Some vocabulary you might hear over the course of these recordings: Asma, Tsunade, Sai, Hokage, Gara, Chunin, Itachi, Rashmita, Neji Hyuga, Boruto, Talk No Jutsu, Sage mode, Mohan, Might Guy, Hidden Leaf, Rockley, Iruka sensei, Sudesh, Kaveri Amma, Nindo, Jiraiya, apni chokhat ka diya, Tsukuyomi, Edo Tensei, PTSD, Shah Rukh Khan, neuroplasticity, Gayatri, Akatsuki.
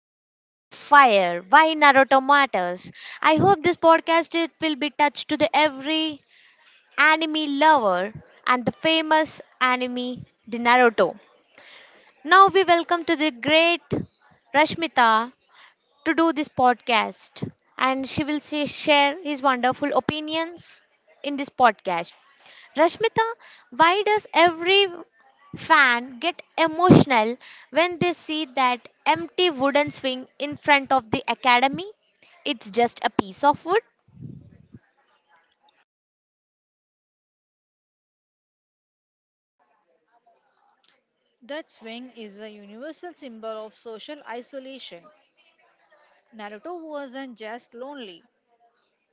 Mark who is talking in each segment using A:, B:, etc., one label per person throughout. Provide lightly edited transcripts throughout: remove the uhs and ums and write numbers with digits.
A: The Will of Fire, why Naruto matters. I hope this podcast it will be touched to the every anime lover and the famous anime the Naruto. Now we welcome to the great Rashmita to do this podcast. And she will say, share his wonderful opinions in this podcast. Rashmita, why does every fan get emotional when they see that empty wooden swing in front of the academy? It's just a piece of wood.
B: That swing is a universal symbol of social isolation. Naruto wasn't just lonely,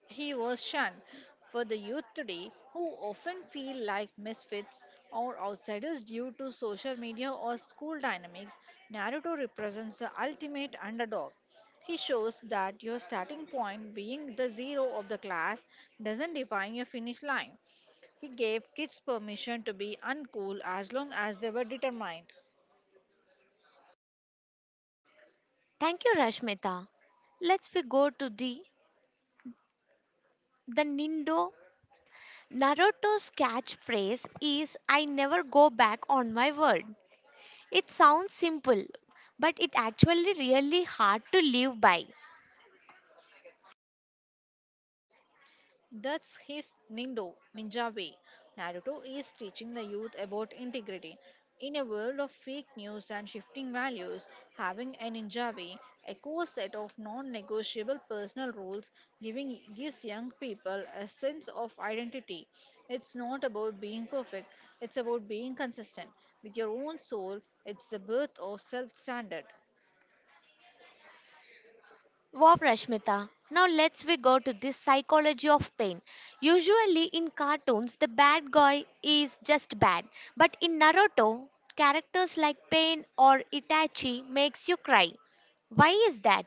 B: he was shunned. For the youth today, who often feel like misfits or outsiders due to social media or school dynamics, Naruto represents the ultimate underdog. He shows that your starting point, being the zero of the class, doesn't define your finish line. He gave kids permission to be uncool as long as they were determined.
A: Thank you, Rashmita. Let's we go to the Nindo. Naruto's catchphrase is I never go back on my word. It sounds simple, but it actually really hard to live by.
B: That's his Nindo ninja way. Naruto is teaching the youth about integrity. In a world of fake news and shifting values, having a ninja way, a core set of non-negotiable personal rules, giving gives young people a sense of identity. It's not about being perfect; it's about being consistent with your own soul. It's the birth of self-standard.
A: Wow, Rashmita. Now let's we go to this psychology of pain. Usually in cartoons, the bad guy is just bad, but in Naruto, characters like Pain or Itachi makes you cry. Why is that?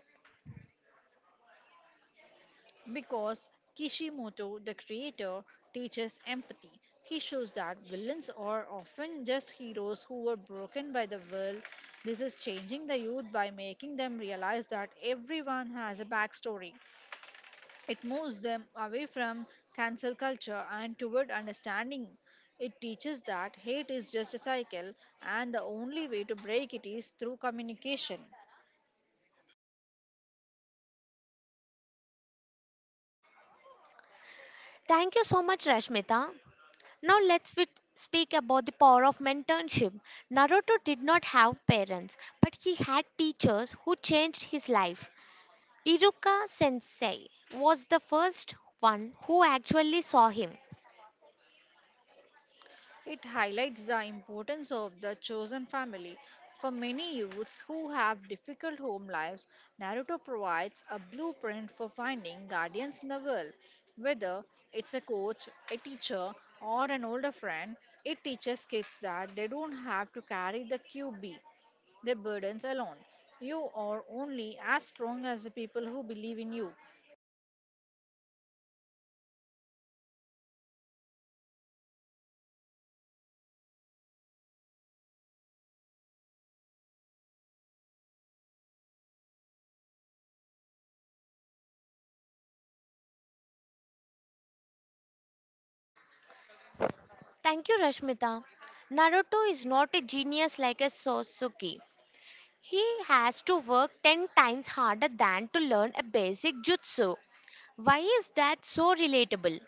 B: Because Kishimoto, the creator, teaches empathy. He shows that villains are often just heroes who were broken by the world. This is changing the youth by making them realize that everyone has a backstory. It moves them away from cancel culture and toward understanding. It teaches that hate is just a cycle and the only way to break it is through communication.
A: Thank you so much, Rashmita. Now let's we speak about the power of mentorship. Naruto did not have parents, but he had teachers who changed his life. Iruka sensei was the first one who actually saw him.
B: It highlights the importance of the chosen family. For many youths who have difficult home lives, Naruto provides a blueprint for finding guardians in the world. Whether it's a coach, a teacher, or an older friend, it teaches kids that they don't have to carry the QB, their burdens alone. You are only as strong as the people who believe in you.
A: Thank you, Rashmita. Naruto is not a genius like a Sasuke. He has to work 10 times harder than to learn a basic jutsu. Why is that so relatable?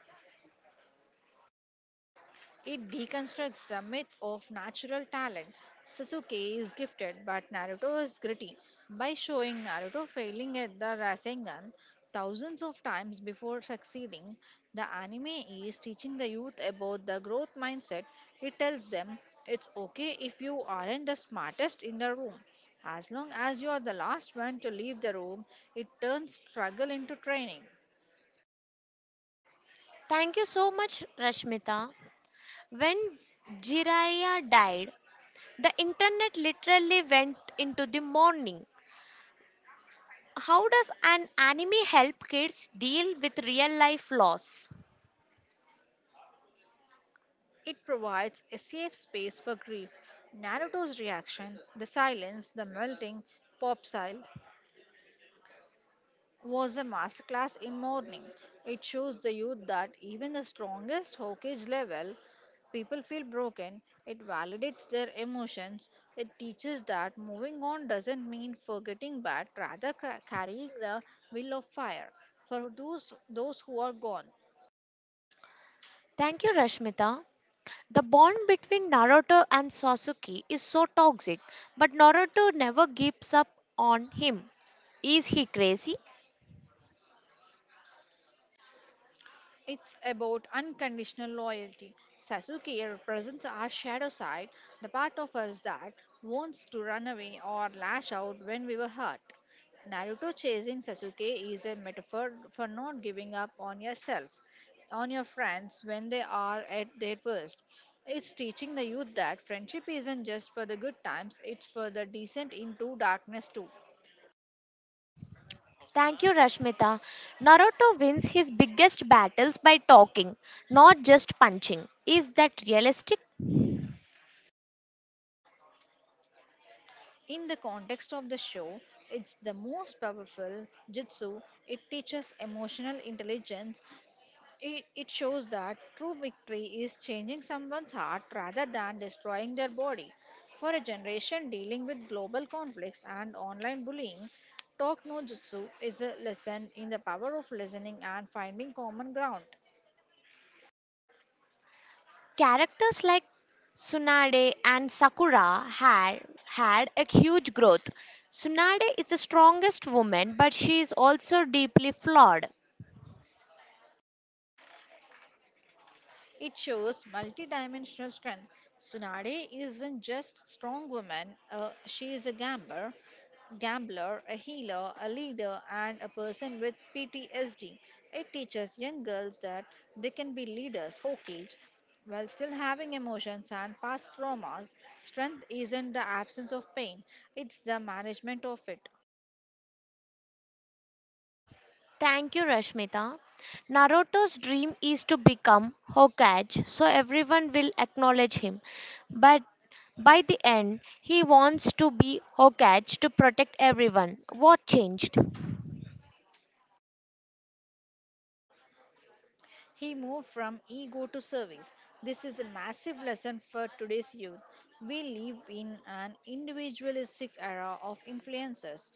B: It deconstructs the myth of natural talent. Sasuke is gifted, but Naruto is gritty by showing Naruto failing at the Rasengan thousands of times before succeeding. The anime is teaching the youth about the growth mindset. It tells them it's okay if you aren't the smartest in the room. As long as you are the last one to leave the room, it turns struggle into training.
A: Thank you so much, Rashmita. When Jiraiya died, the internet literally went into the mourning. How does an anime help kids deal with real life loss?
B: It provides a safe space for grief. Naruto's reaction, the silence, the melting, popsile, was a masterclass in mourning. It shows the youth that even the strongest Hokage level people feel broken. It validates their emotions. It teaches that moving on doesn't mean forgetting but rather carrying the will of fire for those who are gone.
A: Thank you, Rashmita. The bond between Naruto and Sasuke is so toxic, but Naruto never gives up on him. Is he crazy?
B: It's about unconditional loyalty. Sasuke represents our shadow side, the part of us that wants to run away or lash out when we were hurt. Naruto chasing Sasuke is a metaphor for not giving up on yourself, on your friends when they are at their worst. It's teaching the youth that friendship isn't just for the good times, it's for the descent into darkness too.
A: Thank you, Rashmita. Naruto wins his biggest battles by talking, not just punching. Is that realistic?
B: In the context of the show, it's the most powerful jutsu. It teaches emotional intelligence. It shows that true victory is changing someone's heart rather than destroying their body. For a generation dealing with global conflicts and online bullying, Talk No Jutsu is a lesson in the power of listening and finding common ground.
A: Characters like Tsunade and Sakura had a huge growth. Tsunade is the strongest woman, but she is also deeply flawed.
B: It shows multidimensional strength. Tsunade isn't just strong woman, she is a gambler, a healer, a leader, and a person with PTSD. It teaches young girls that they can be leaders, okay, while still having emotions and past traumas. Strength isn't the absence of pain, it's the management of it.
A: Thank you, Rashmita. Naruto's dream is to become Hokage, so everyone will acknowledge him. But by the end, he wants to be Hokage to protect everyone. What changed?
B: He moved from ego to service. This is a massive lesson for today's youth. We live in an individualistic era of influencers.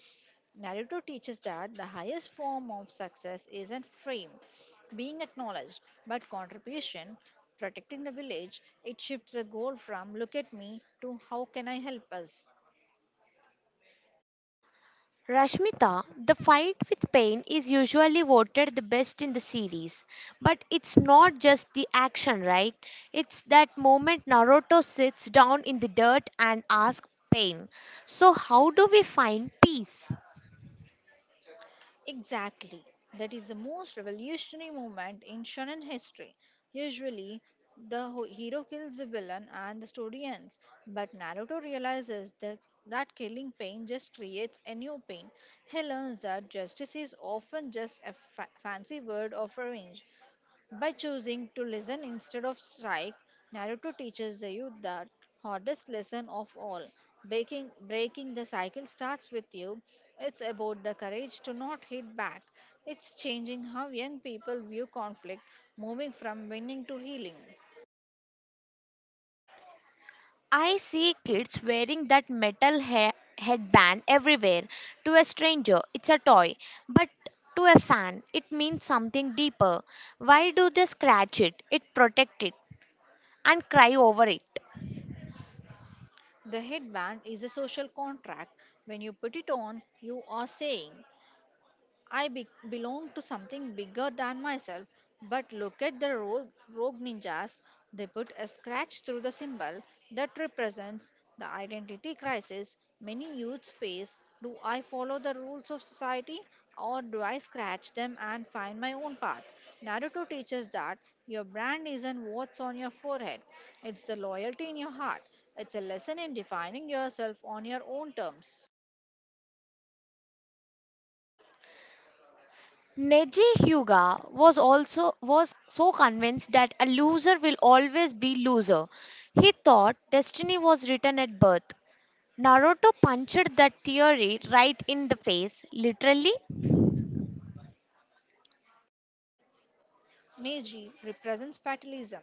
B: Naruto teaches that the highest form of success isn't fame, being acknowledged, but contribution, protecting the village. It shifts the goal from look at me to how can I help us.
A: Rashmita, the fight with Pain is usually voted the best in the series. But it's not just the action, right? It's that moment Naruto sits down in the dirt and asks Pain, "So, how do we find peace?"
B: Exactly. That is the most revolutionary moment in shonen history. Usually, the hero kills the villain and the story ends, but Naruto realizes that killing pain just creates a new pain. He learns that justice is often just a fancy word of revenge. By choosing to listen instead of strike, Naruto teaches the youth that hardest lesson of all. Breaking the cycle starts with you. It's about the courage to not hit back. It's changing how young people view conflict, moving from winning to healing.
A: I see kids wearing that metal headband everywhere. To a stranger, it's a toy, but to a fan, it means something deeper. Why do they scratch it? It protect it and cry over it.
B: The headband is a social contract. When you put it on, you are saying, I belong to something bigger than myself. But look at the rogue ninjas. They put a scratch through the symbol that represents the identity crisis many youths face. Do I follow the rules of society or do I scratch them and find my own path? Naruto teaches that your brand isn't what's on your forehead, it's the loyalty in your heart. It's a lesson in defining yourself on your own terms.
A: Neji Hyuga was also was so convinced that a loser will always be loser. He thought destiny was written at birth. Naruto punched that theory right in the face, literally.
B: Meiji represents fatalism.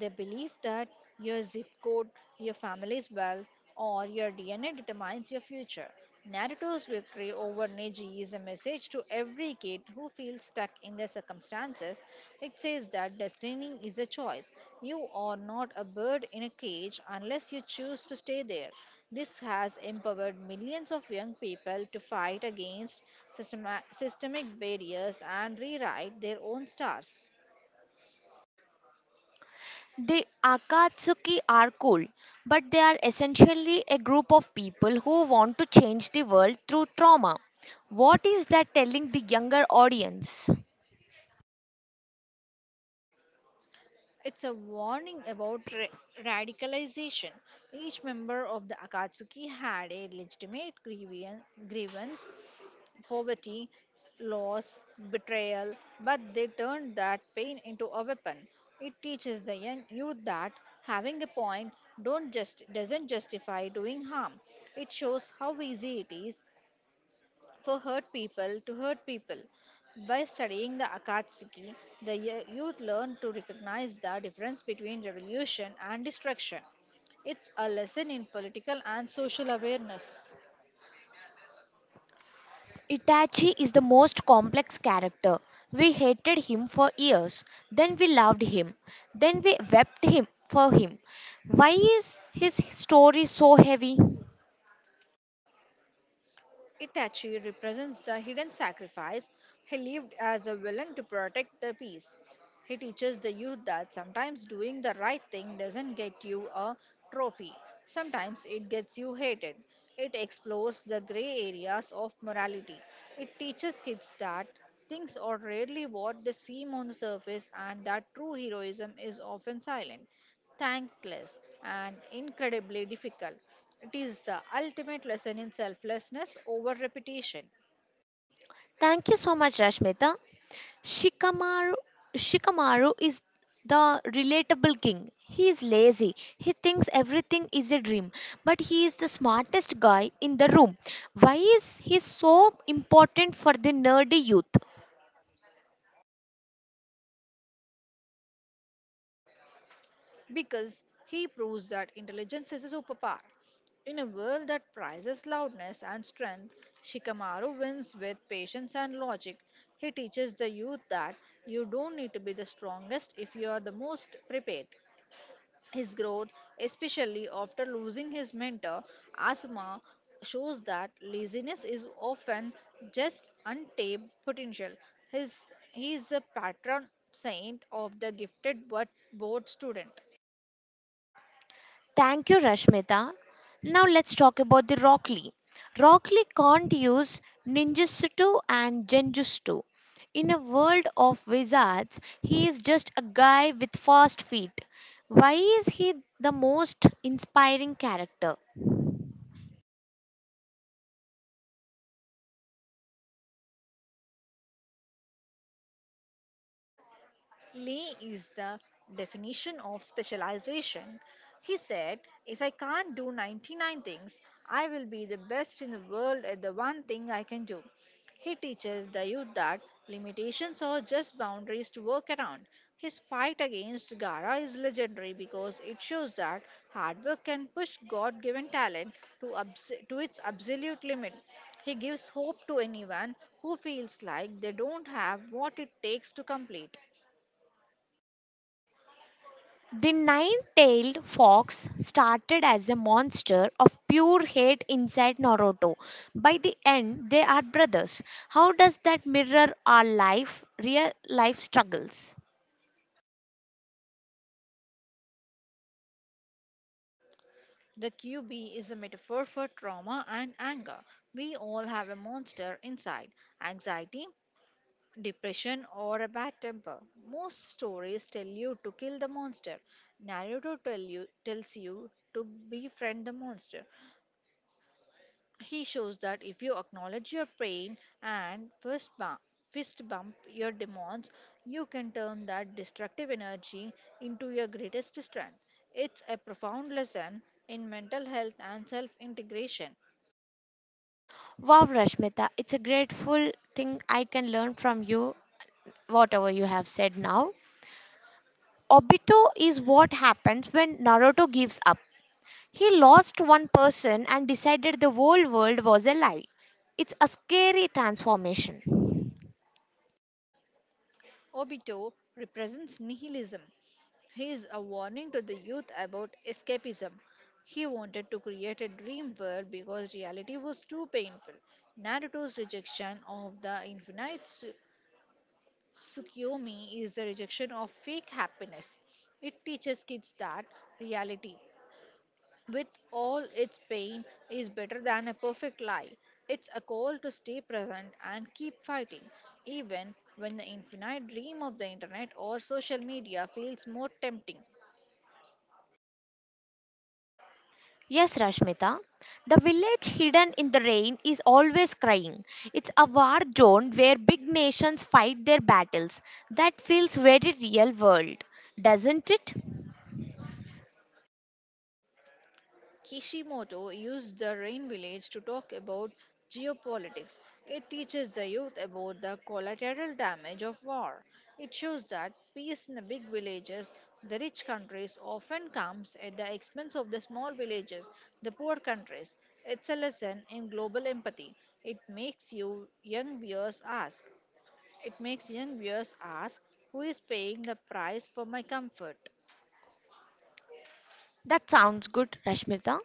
B: The belief that your zip code, your family's wealth, or your DNA determines your future. Naruto's victory over Neji is a message to every kid who feels stuck in their circumstances. It says that destiny is a choice. You are not a bird in a cage unless you choose to stay there. This has empowered millions of young people to fight against systemic barriers and rewrite their own stars.
A: The Akatsuki are cool, but they are essentially a group of people who want to change the world through trauma. What is that telling the younger audience?
B: It's a warning about radicalization. Each member of the Akatsuki had a legitimate grievance, poverty, loss, betrayal, but they turned that pain into a weapon. It teaches the young youth that having a point don't just doesn't justify doing harm. It shows how easy it is for hurt people to hurt people. By studying the Akatsuki, the youth learn to recognize the difference between revolution and destruction. It's a lesson in political and social awareness.
A: Itachi is the most complex character. We hated him for years, then we loved him, then we wept him for him. Why is his story so heavy?
B: It actually represents the hidden sacrifice he lived as a villain to protect the peace. He teaches the youth that sometimes doing the right thing doesn't get you a trophy, sometimes it gets you hated. It explores the gray areas of morality. It teaches kids that things are rarely what they seem on the surface and that true heroism is often silent, thankless, and incredibly difficult. It is the ultimate lesson in selflessness over repetition.
A: Thank you so much, Rashmita. Shikamaru, Shikamaru is the relatable king. He is lazy. He thinks everything is a dream, but he is the smartest guy in the room. Why is he so important for the nerdy youth?
B: Because he proves that intelligence is a superpower. In a world that prizes loudness and strength, Shikamaru wins with patience and logic. He teaches the youth that you don't need to be the strongest if you are the most prepared. His growth, especially after losing his mentor, Asma, shows that laziness is often just untapped potential. His, he is the patron saint of the gifted but bored student.
A: Thank you, Rashmita. Now let's talk about the Rockley. Rockley can't use ninjutsu and genjutsu. In a world of wizards, he is just a guy with fast feet. Why is he the most inspiring character?
B: Lee is the definition of specialization. He said, if I can't do 99 things, I will be the best in the world at the one thing I can do. He teaches the youth that limitations are just boundaries to work around. His fight against Gara is legendary because it shows that hard work can push God given talent to its absolute limit. He gives hope to anyone who feels like they don't have what it takes to complete.
A: The nine tailed fox started as a monster of pure hate inside Naruto. By the end, they are brothers. How does that mirror our life, real life struggles?
B: The QB is a metaphor for trauma and anger. We all have a monster inside anxiety, depression, or a bad temper. Most stories tell you to kill the monster. Tells you to befriend the monster. He shows that if you acknowledge your pain and fist bump your demons, you can turn that destructive energy into your greatest strength. It's a profound lesson in mental health and self integration.
A: Wow, Rashmita, it's a grateful thing I can learn from you, whatever you have said now. Obito is what happens when Naruto gives up. He lost one person and decided the whole world was a lie. It's a scary transformation.
B: Obito represents nihilism. He is a warning to the youth about escapism. He wanted to create a dream world because reality was too painful. Naruto's rejection of the infinite Tsukuyomi is a rejection of fake happiness. It teaches kids that reality, with all its pain, is better than a perfect lie. It's a call to stay present and keep fighting, even when the infinite dream of the internet or social media feels more tempting.
A: Yes, Rashmita, the village hidden in the rain is always crying. It's a war zone where big nations fight their battles. That feels very real world, doesn't it?
B: Kishimoto used the rain village to talk about geopolitics. It teaches the youth about the collateral damage of war. It shows that peace in the big villages, the rich countries, often comes at the expense of the small villages, the poor countries. It's a lesson in global empathy. It makes you young viewers ask. It makes young viewers ask who is paying the price for my comfort.
A: That sounds good, Rashmita.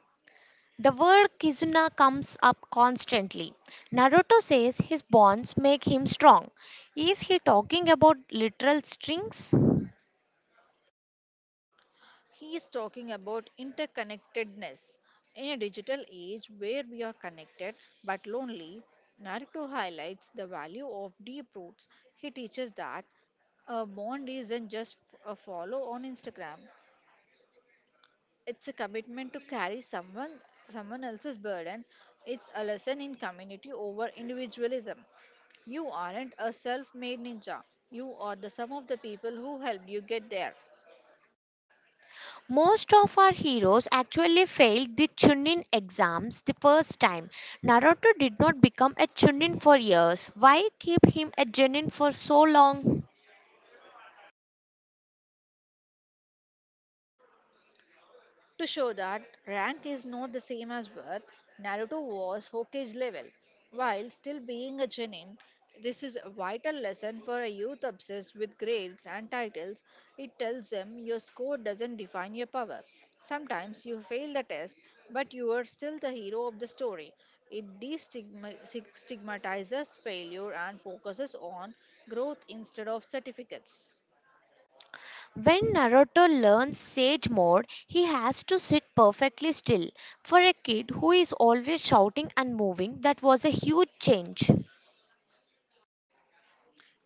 A: The word Kizuna comes up constantly. Naruto says his bonds make him strong. Is he talking about literal strings?
B: He is talking about interconnectedness. In a digital age where we are connected but lonely, Naruto highlights the value of deep roots. He teaches that a bond isn't just a follow on Instagram. It's a commitment to carry someone else's burden. It's a lesson in community over individualism. You aren't a self-made ninja. You are the sum of the people who helped you get there.
A: Most of our heroes actually failed the Chunin exams the first time. Naruto did not become a Chunin for years. Why keep him a Chunin for so long?
B: To show that rank is not the same as worth, Naruto was Hokage's level. While still being a genin, this is a vital lesson for a youth obsessed with grades and titles. It tells them your score doesn't define your power. Sometimes you fail the test, but you are still the hero of the story. It destigmatizes failure and focuses on growth instead of certificates.
A: When Naruto learns Sage mode, he has to sit perfectly still. For a kid who is always shouting and moving, that was a huge change.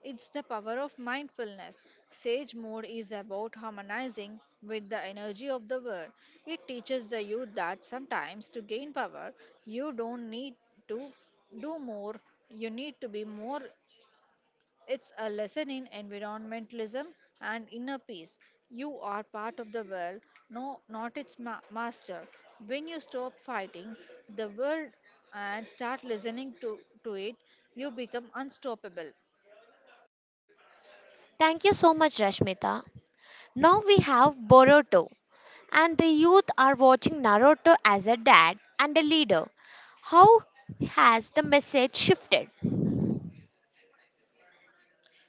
B: It's the power of mindfulness. Sage mode is about harmonizing with the energy of the world. It teaches the youth that sometimes to gain power, you don't need to do more, you need to be more. It's a lesson in environmentalism and inner peace. You are part of the world, no, not its master. When you stop fighting the world and start listening to it, you become unstoppable.
A: Thank you so much, Rashmita. Now we have Boruto, and the youth are watching Naruto as a dad and a leader. How has the message shifted?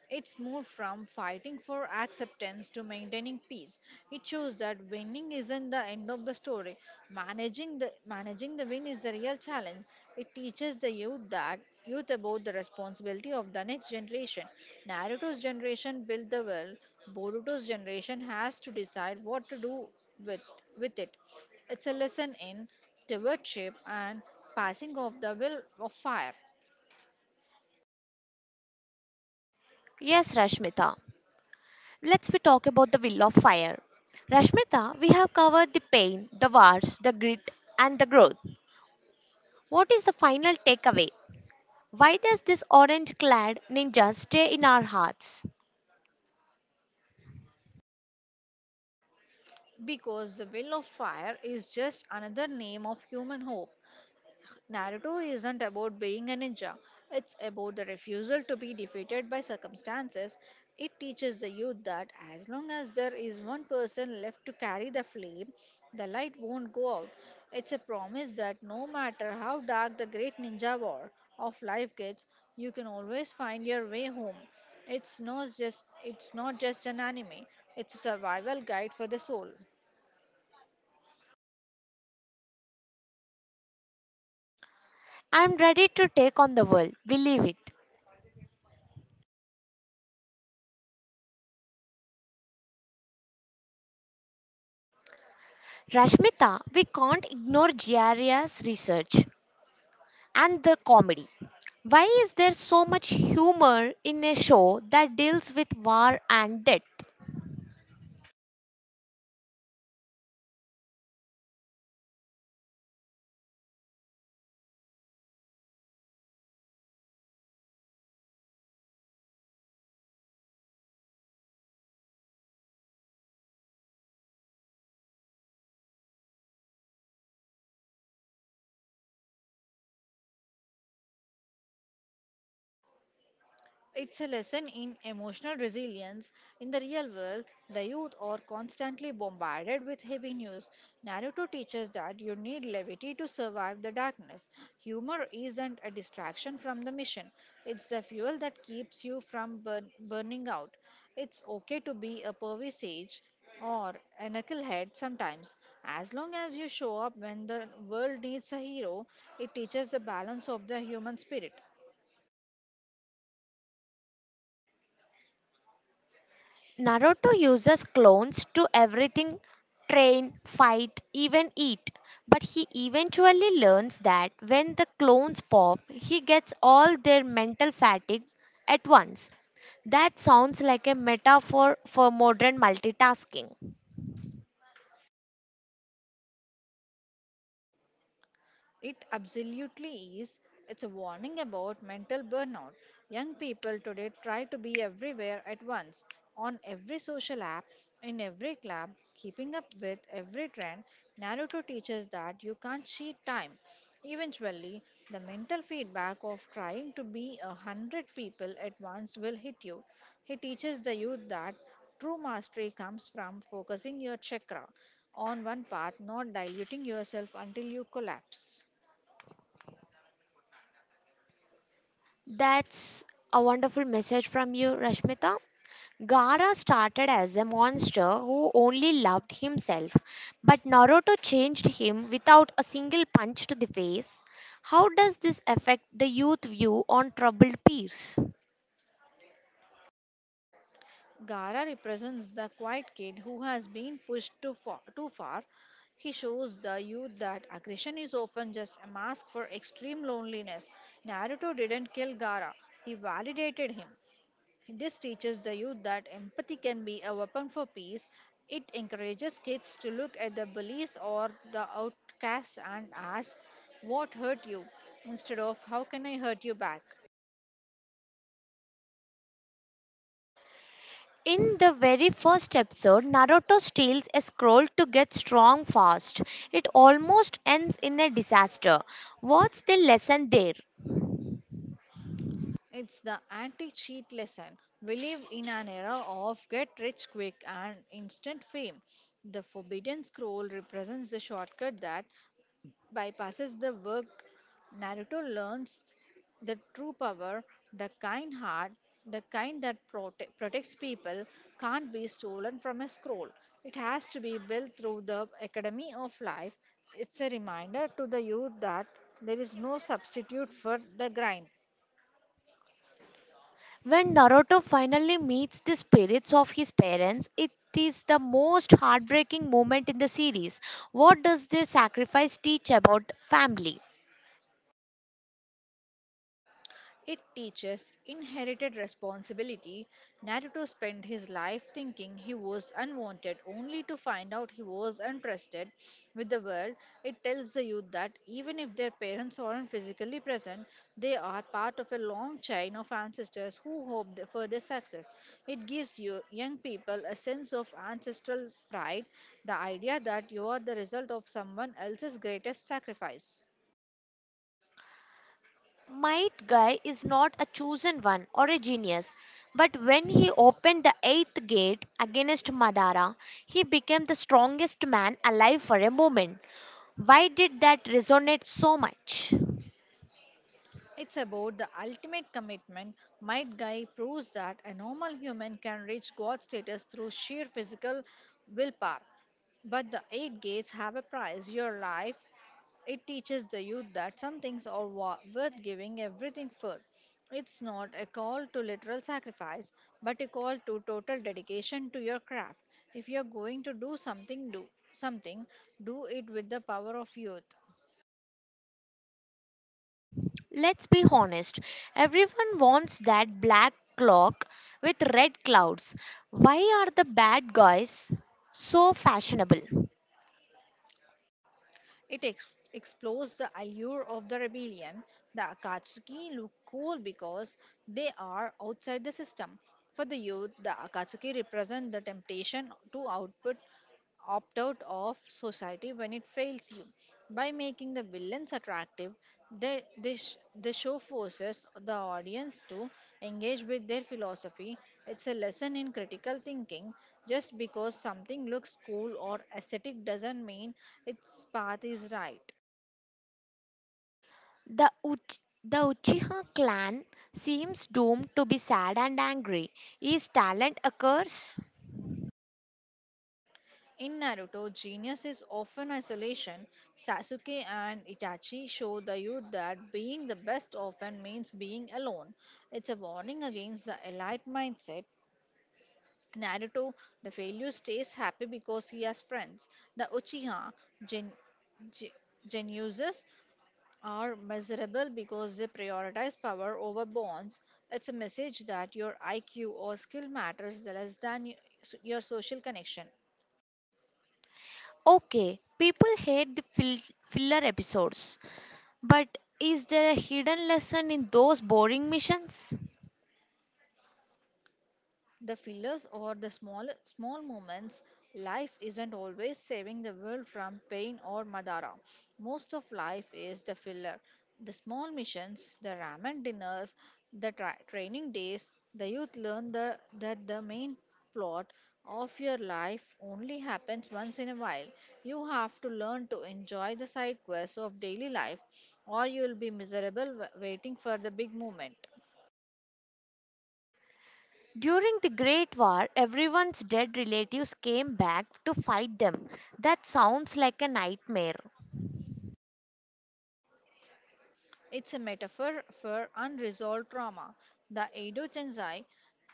B: It's moved from fighting for acceptance to maintaining peace. It shows that winning isn't the end of the story. Managing the win is the real challenge. It teaches the youth that youth about the responsibility of the next generation. Naruto's generation built the world. Boruto's generation has to decide what to do with with it. It's a lesson in stewardship and passing of the will of fire.
A: Yes, Rashmita. Let's we talk about the will of fire. Rashmita, we have covered the pain, the wars, the grit, and the growth. What is the final takeaway? Why does this orange clad ninja stay in our hearts?
B: Because the will of fire is just another name of human hope. Naruto isn't about being a ninja, it's about the refusal to be defeated by circumstances. It teaches the youth that as long as there is one person left to carry the flame, the light won't go out. It's a promise that no matter how dark the great ninja war of life gets, you can always find your way home. It's not just an anime, it's a survival guide for the soul.
A: I'm ready to take on the world, believe it. Rashmita, we can't ignore Giardia's research and the comedy. Why is there so much humor in a show that deals with war and death?
B: It's a lesson in emotional resilience. In the real world, the youth are constantly bombarded with heavy news. Naruto teaches that you need levity to survive the darkness. Humor isn't a distraction from the mission, it's the fuel that keeps you from burning out. It's okay to be a pervy sage or a knucklehead sometimes. As long as you show up when the world needs a hero, it teaches the balance of the human spirit.
A: Naruto uses clones to everything: train, fight, even eat. But he eventually learns that when the clones pop, he gets all their mental fatigue at once. That sounds like a metaphor for modern multitasking.
B: It absolutely is. It's a warning about mental burnout. Young people today try to be everywhere at once, on every social app, in every club, keeping up with every trend. Naruto teaches that you can't cheat time. Eventually, the mental feedback of trying to be a hundred people at once will hit you. He teaches the youth that true mastery comes from focusing your chakra on one path, not diluting yourself until you collapse.
A: That's a wonderful message from you, Rashmita. Gara started as a monster who only loved himself, but Naruto changed him without a single punch to the face. How does this affect the youth view on troubled peers?
B: Gara represents the quiet kid who has been pushed too far. He shows the youth that aggression is often just a mask for extreme loneliness. Naruto didn't kill Gara, he validated him. This teaches the youth that empathy can be a weapon for peace. It encourages kids to look at the bullies or the outcasts and ask, "What hurt you?" instead of "How can I hurt you back?"
A: In the very first episode, Naruto steals a scroll to get strong fast. It almost ends in a disaster. What's the lesson there?
B: It's the anti cheat lesson. We live in an era of get rich quick and instant fame. The forbidden scroll represents the shortcut that bypasses the work. Naruto learns the true power, the kind heart, the kind that protects people, can't be stolen from a scroll. It has to be built through the academy of life. It's a reminder to the youth that there is no substitute for the grind.
A: When Naruto finally meets the spirits of his parents, it is the most heartbreaking moment in the series. What does their sacrifice teach about family?
B: It teaches inherited responsibility. Naruto spent his life thinking he was unwanted, only to find out he was entrusted with the world. It tells the youth that even if their parents aren't physically present, they are part of a long chain of ancestors who hoped for their success. It gives you young people a sense of ancestral pride, the idea that you are the result of someone else's greatest sacrifice.
A: Might Guy is not a chosen one or a genius, but when he opened the eighth gate against Madara, he became the strongest man alive for a moment. Why did that resonate so much?
B: It's about the ultimate commitment. Might Guy proves that a normal human can reach God status through sheer physical willpower. But the eight gates have a price, your life. It teaches the youth that some things are worth giving everything for. It's not a call to literal sacrifice, but a call to total dedication to your craft. If you're going to do something, do something, do it with the power of youth.
A: Let's be honest, everyone wants that black clock with red clouds. Why are the bad guys so fashionable?
B: It explores the allure of the rebellion. The Akatsuki look cool because they are outside the system. For the youth, the Akatsuki represent the temptation to output opt out of society when it fails you. By making the villains attractive, the show forces the audience to engage with their philosophy. It's a lesson in critical thinking, just because something looks cool or aesthetic doesn't mean its path is right.
A: The Uchiha clan seems doomed to be sad and angry. Is talent a curse?
B: In Naruto, genius is often isolation. Sasuke and Itachi show the youth that being the best often means being alone. It's a warning against the elite mindset. Naruto, the failure, stays happy because he has friends. The Uchiha, Gen- Gen- Genuses are measurable because they prioritize power over bonds. It's a message that your IQ or skill matters less than your social connection.
A: Okay, people hate the filler episodes, but is there a hidden lesson in those boring missions?
B: The fillers or the small moments, life isn't always saving the world from pain or madara. Most of life is the filler. The small missions, the ramen dinners, the training days, the youth learn the main plot of your life only happens once in a while. You have to learn to enjoy the side quests of daily life or you will be miserable waiting for the big moment.
A: During the Great War, everyone's dead relatives came back to fight them. That sounds like a nightmare.
B: It's a metaphor for unresolved trauma. The Edo Tensei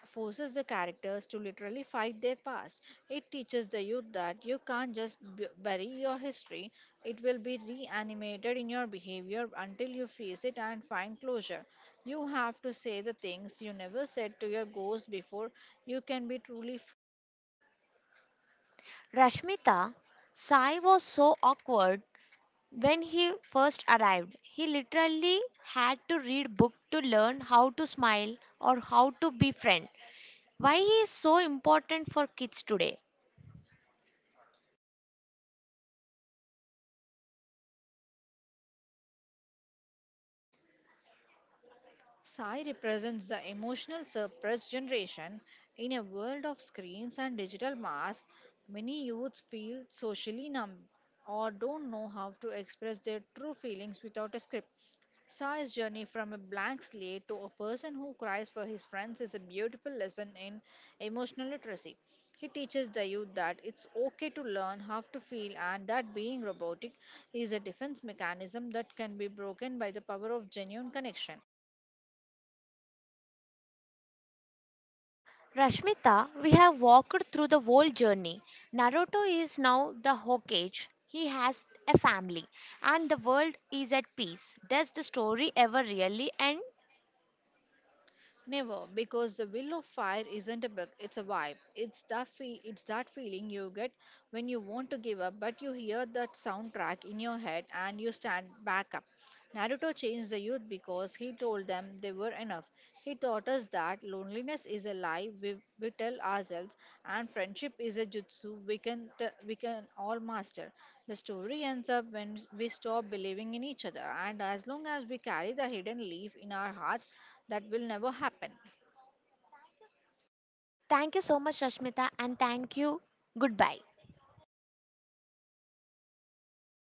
B: forces the characters to literally fight their past. It teaches the youth that you can't just bury your history, it will be reanimated in your behavior until you face it and find closure. You have to say the things you never said to your ghost before you can be truly.
A: Rashmita, Sai was so awkward when he first arrived. He literally had to read book to learn how to smile or how to be friend. Why he is so important for kids today?
B: Sai represents the emotional suppressed generation. In a world of screens and digital mass, many youths feel socially numb or don't know how to express their true feelings without a script. Sai's journey from a blank slate to a person who cries for his friends is a beautiful lesson in emotional literacy. He teaches the youth that it's okay to learn how to feel and that being robotic is a defense mechanism that can be broken by the power of genuine connection.
A: Rashmita, we have walked through the whole journey. Naruto is now the Hokage. He has a family and the world is at peace. Does the story ever really end?
B: Never, because the will of fire isn't a book, it's a vibe. It's it's that feeling you get when you want to give up, but you hear that soundtrack in your head and you stand back up. Naruto changed the youth because he told them they were enough. He taught us that loneliness is a lie we tell ourselves and friendship is a jutsu we can all master. The story ends up when we stop believing in each other, and as long as we carry the hidden leaf in our hearts, that will never happen.
A: Thank you so much, Rashmita, and thank you. Goodbye.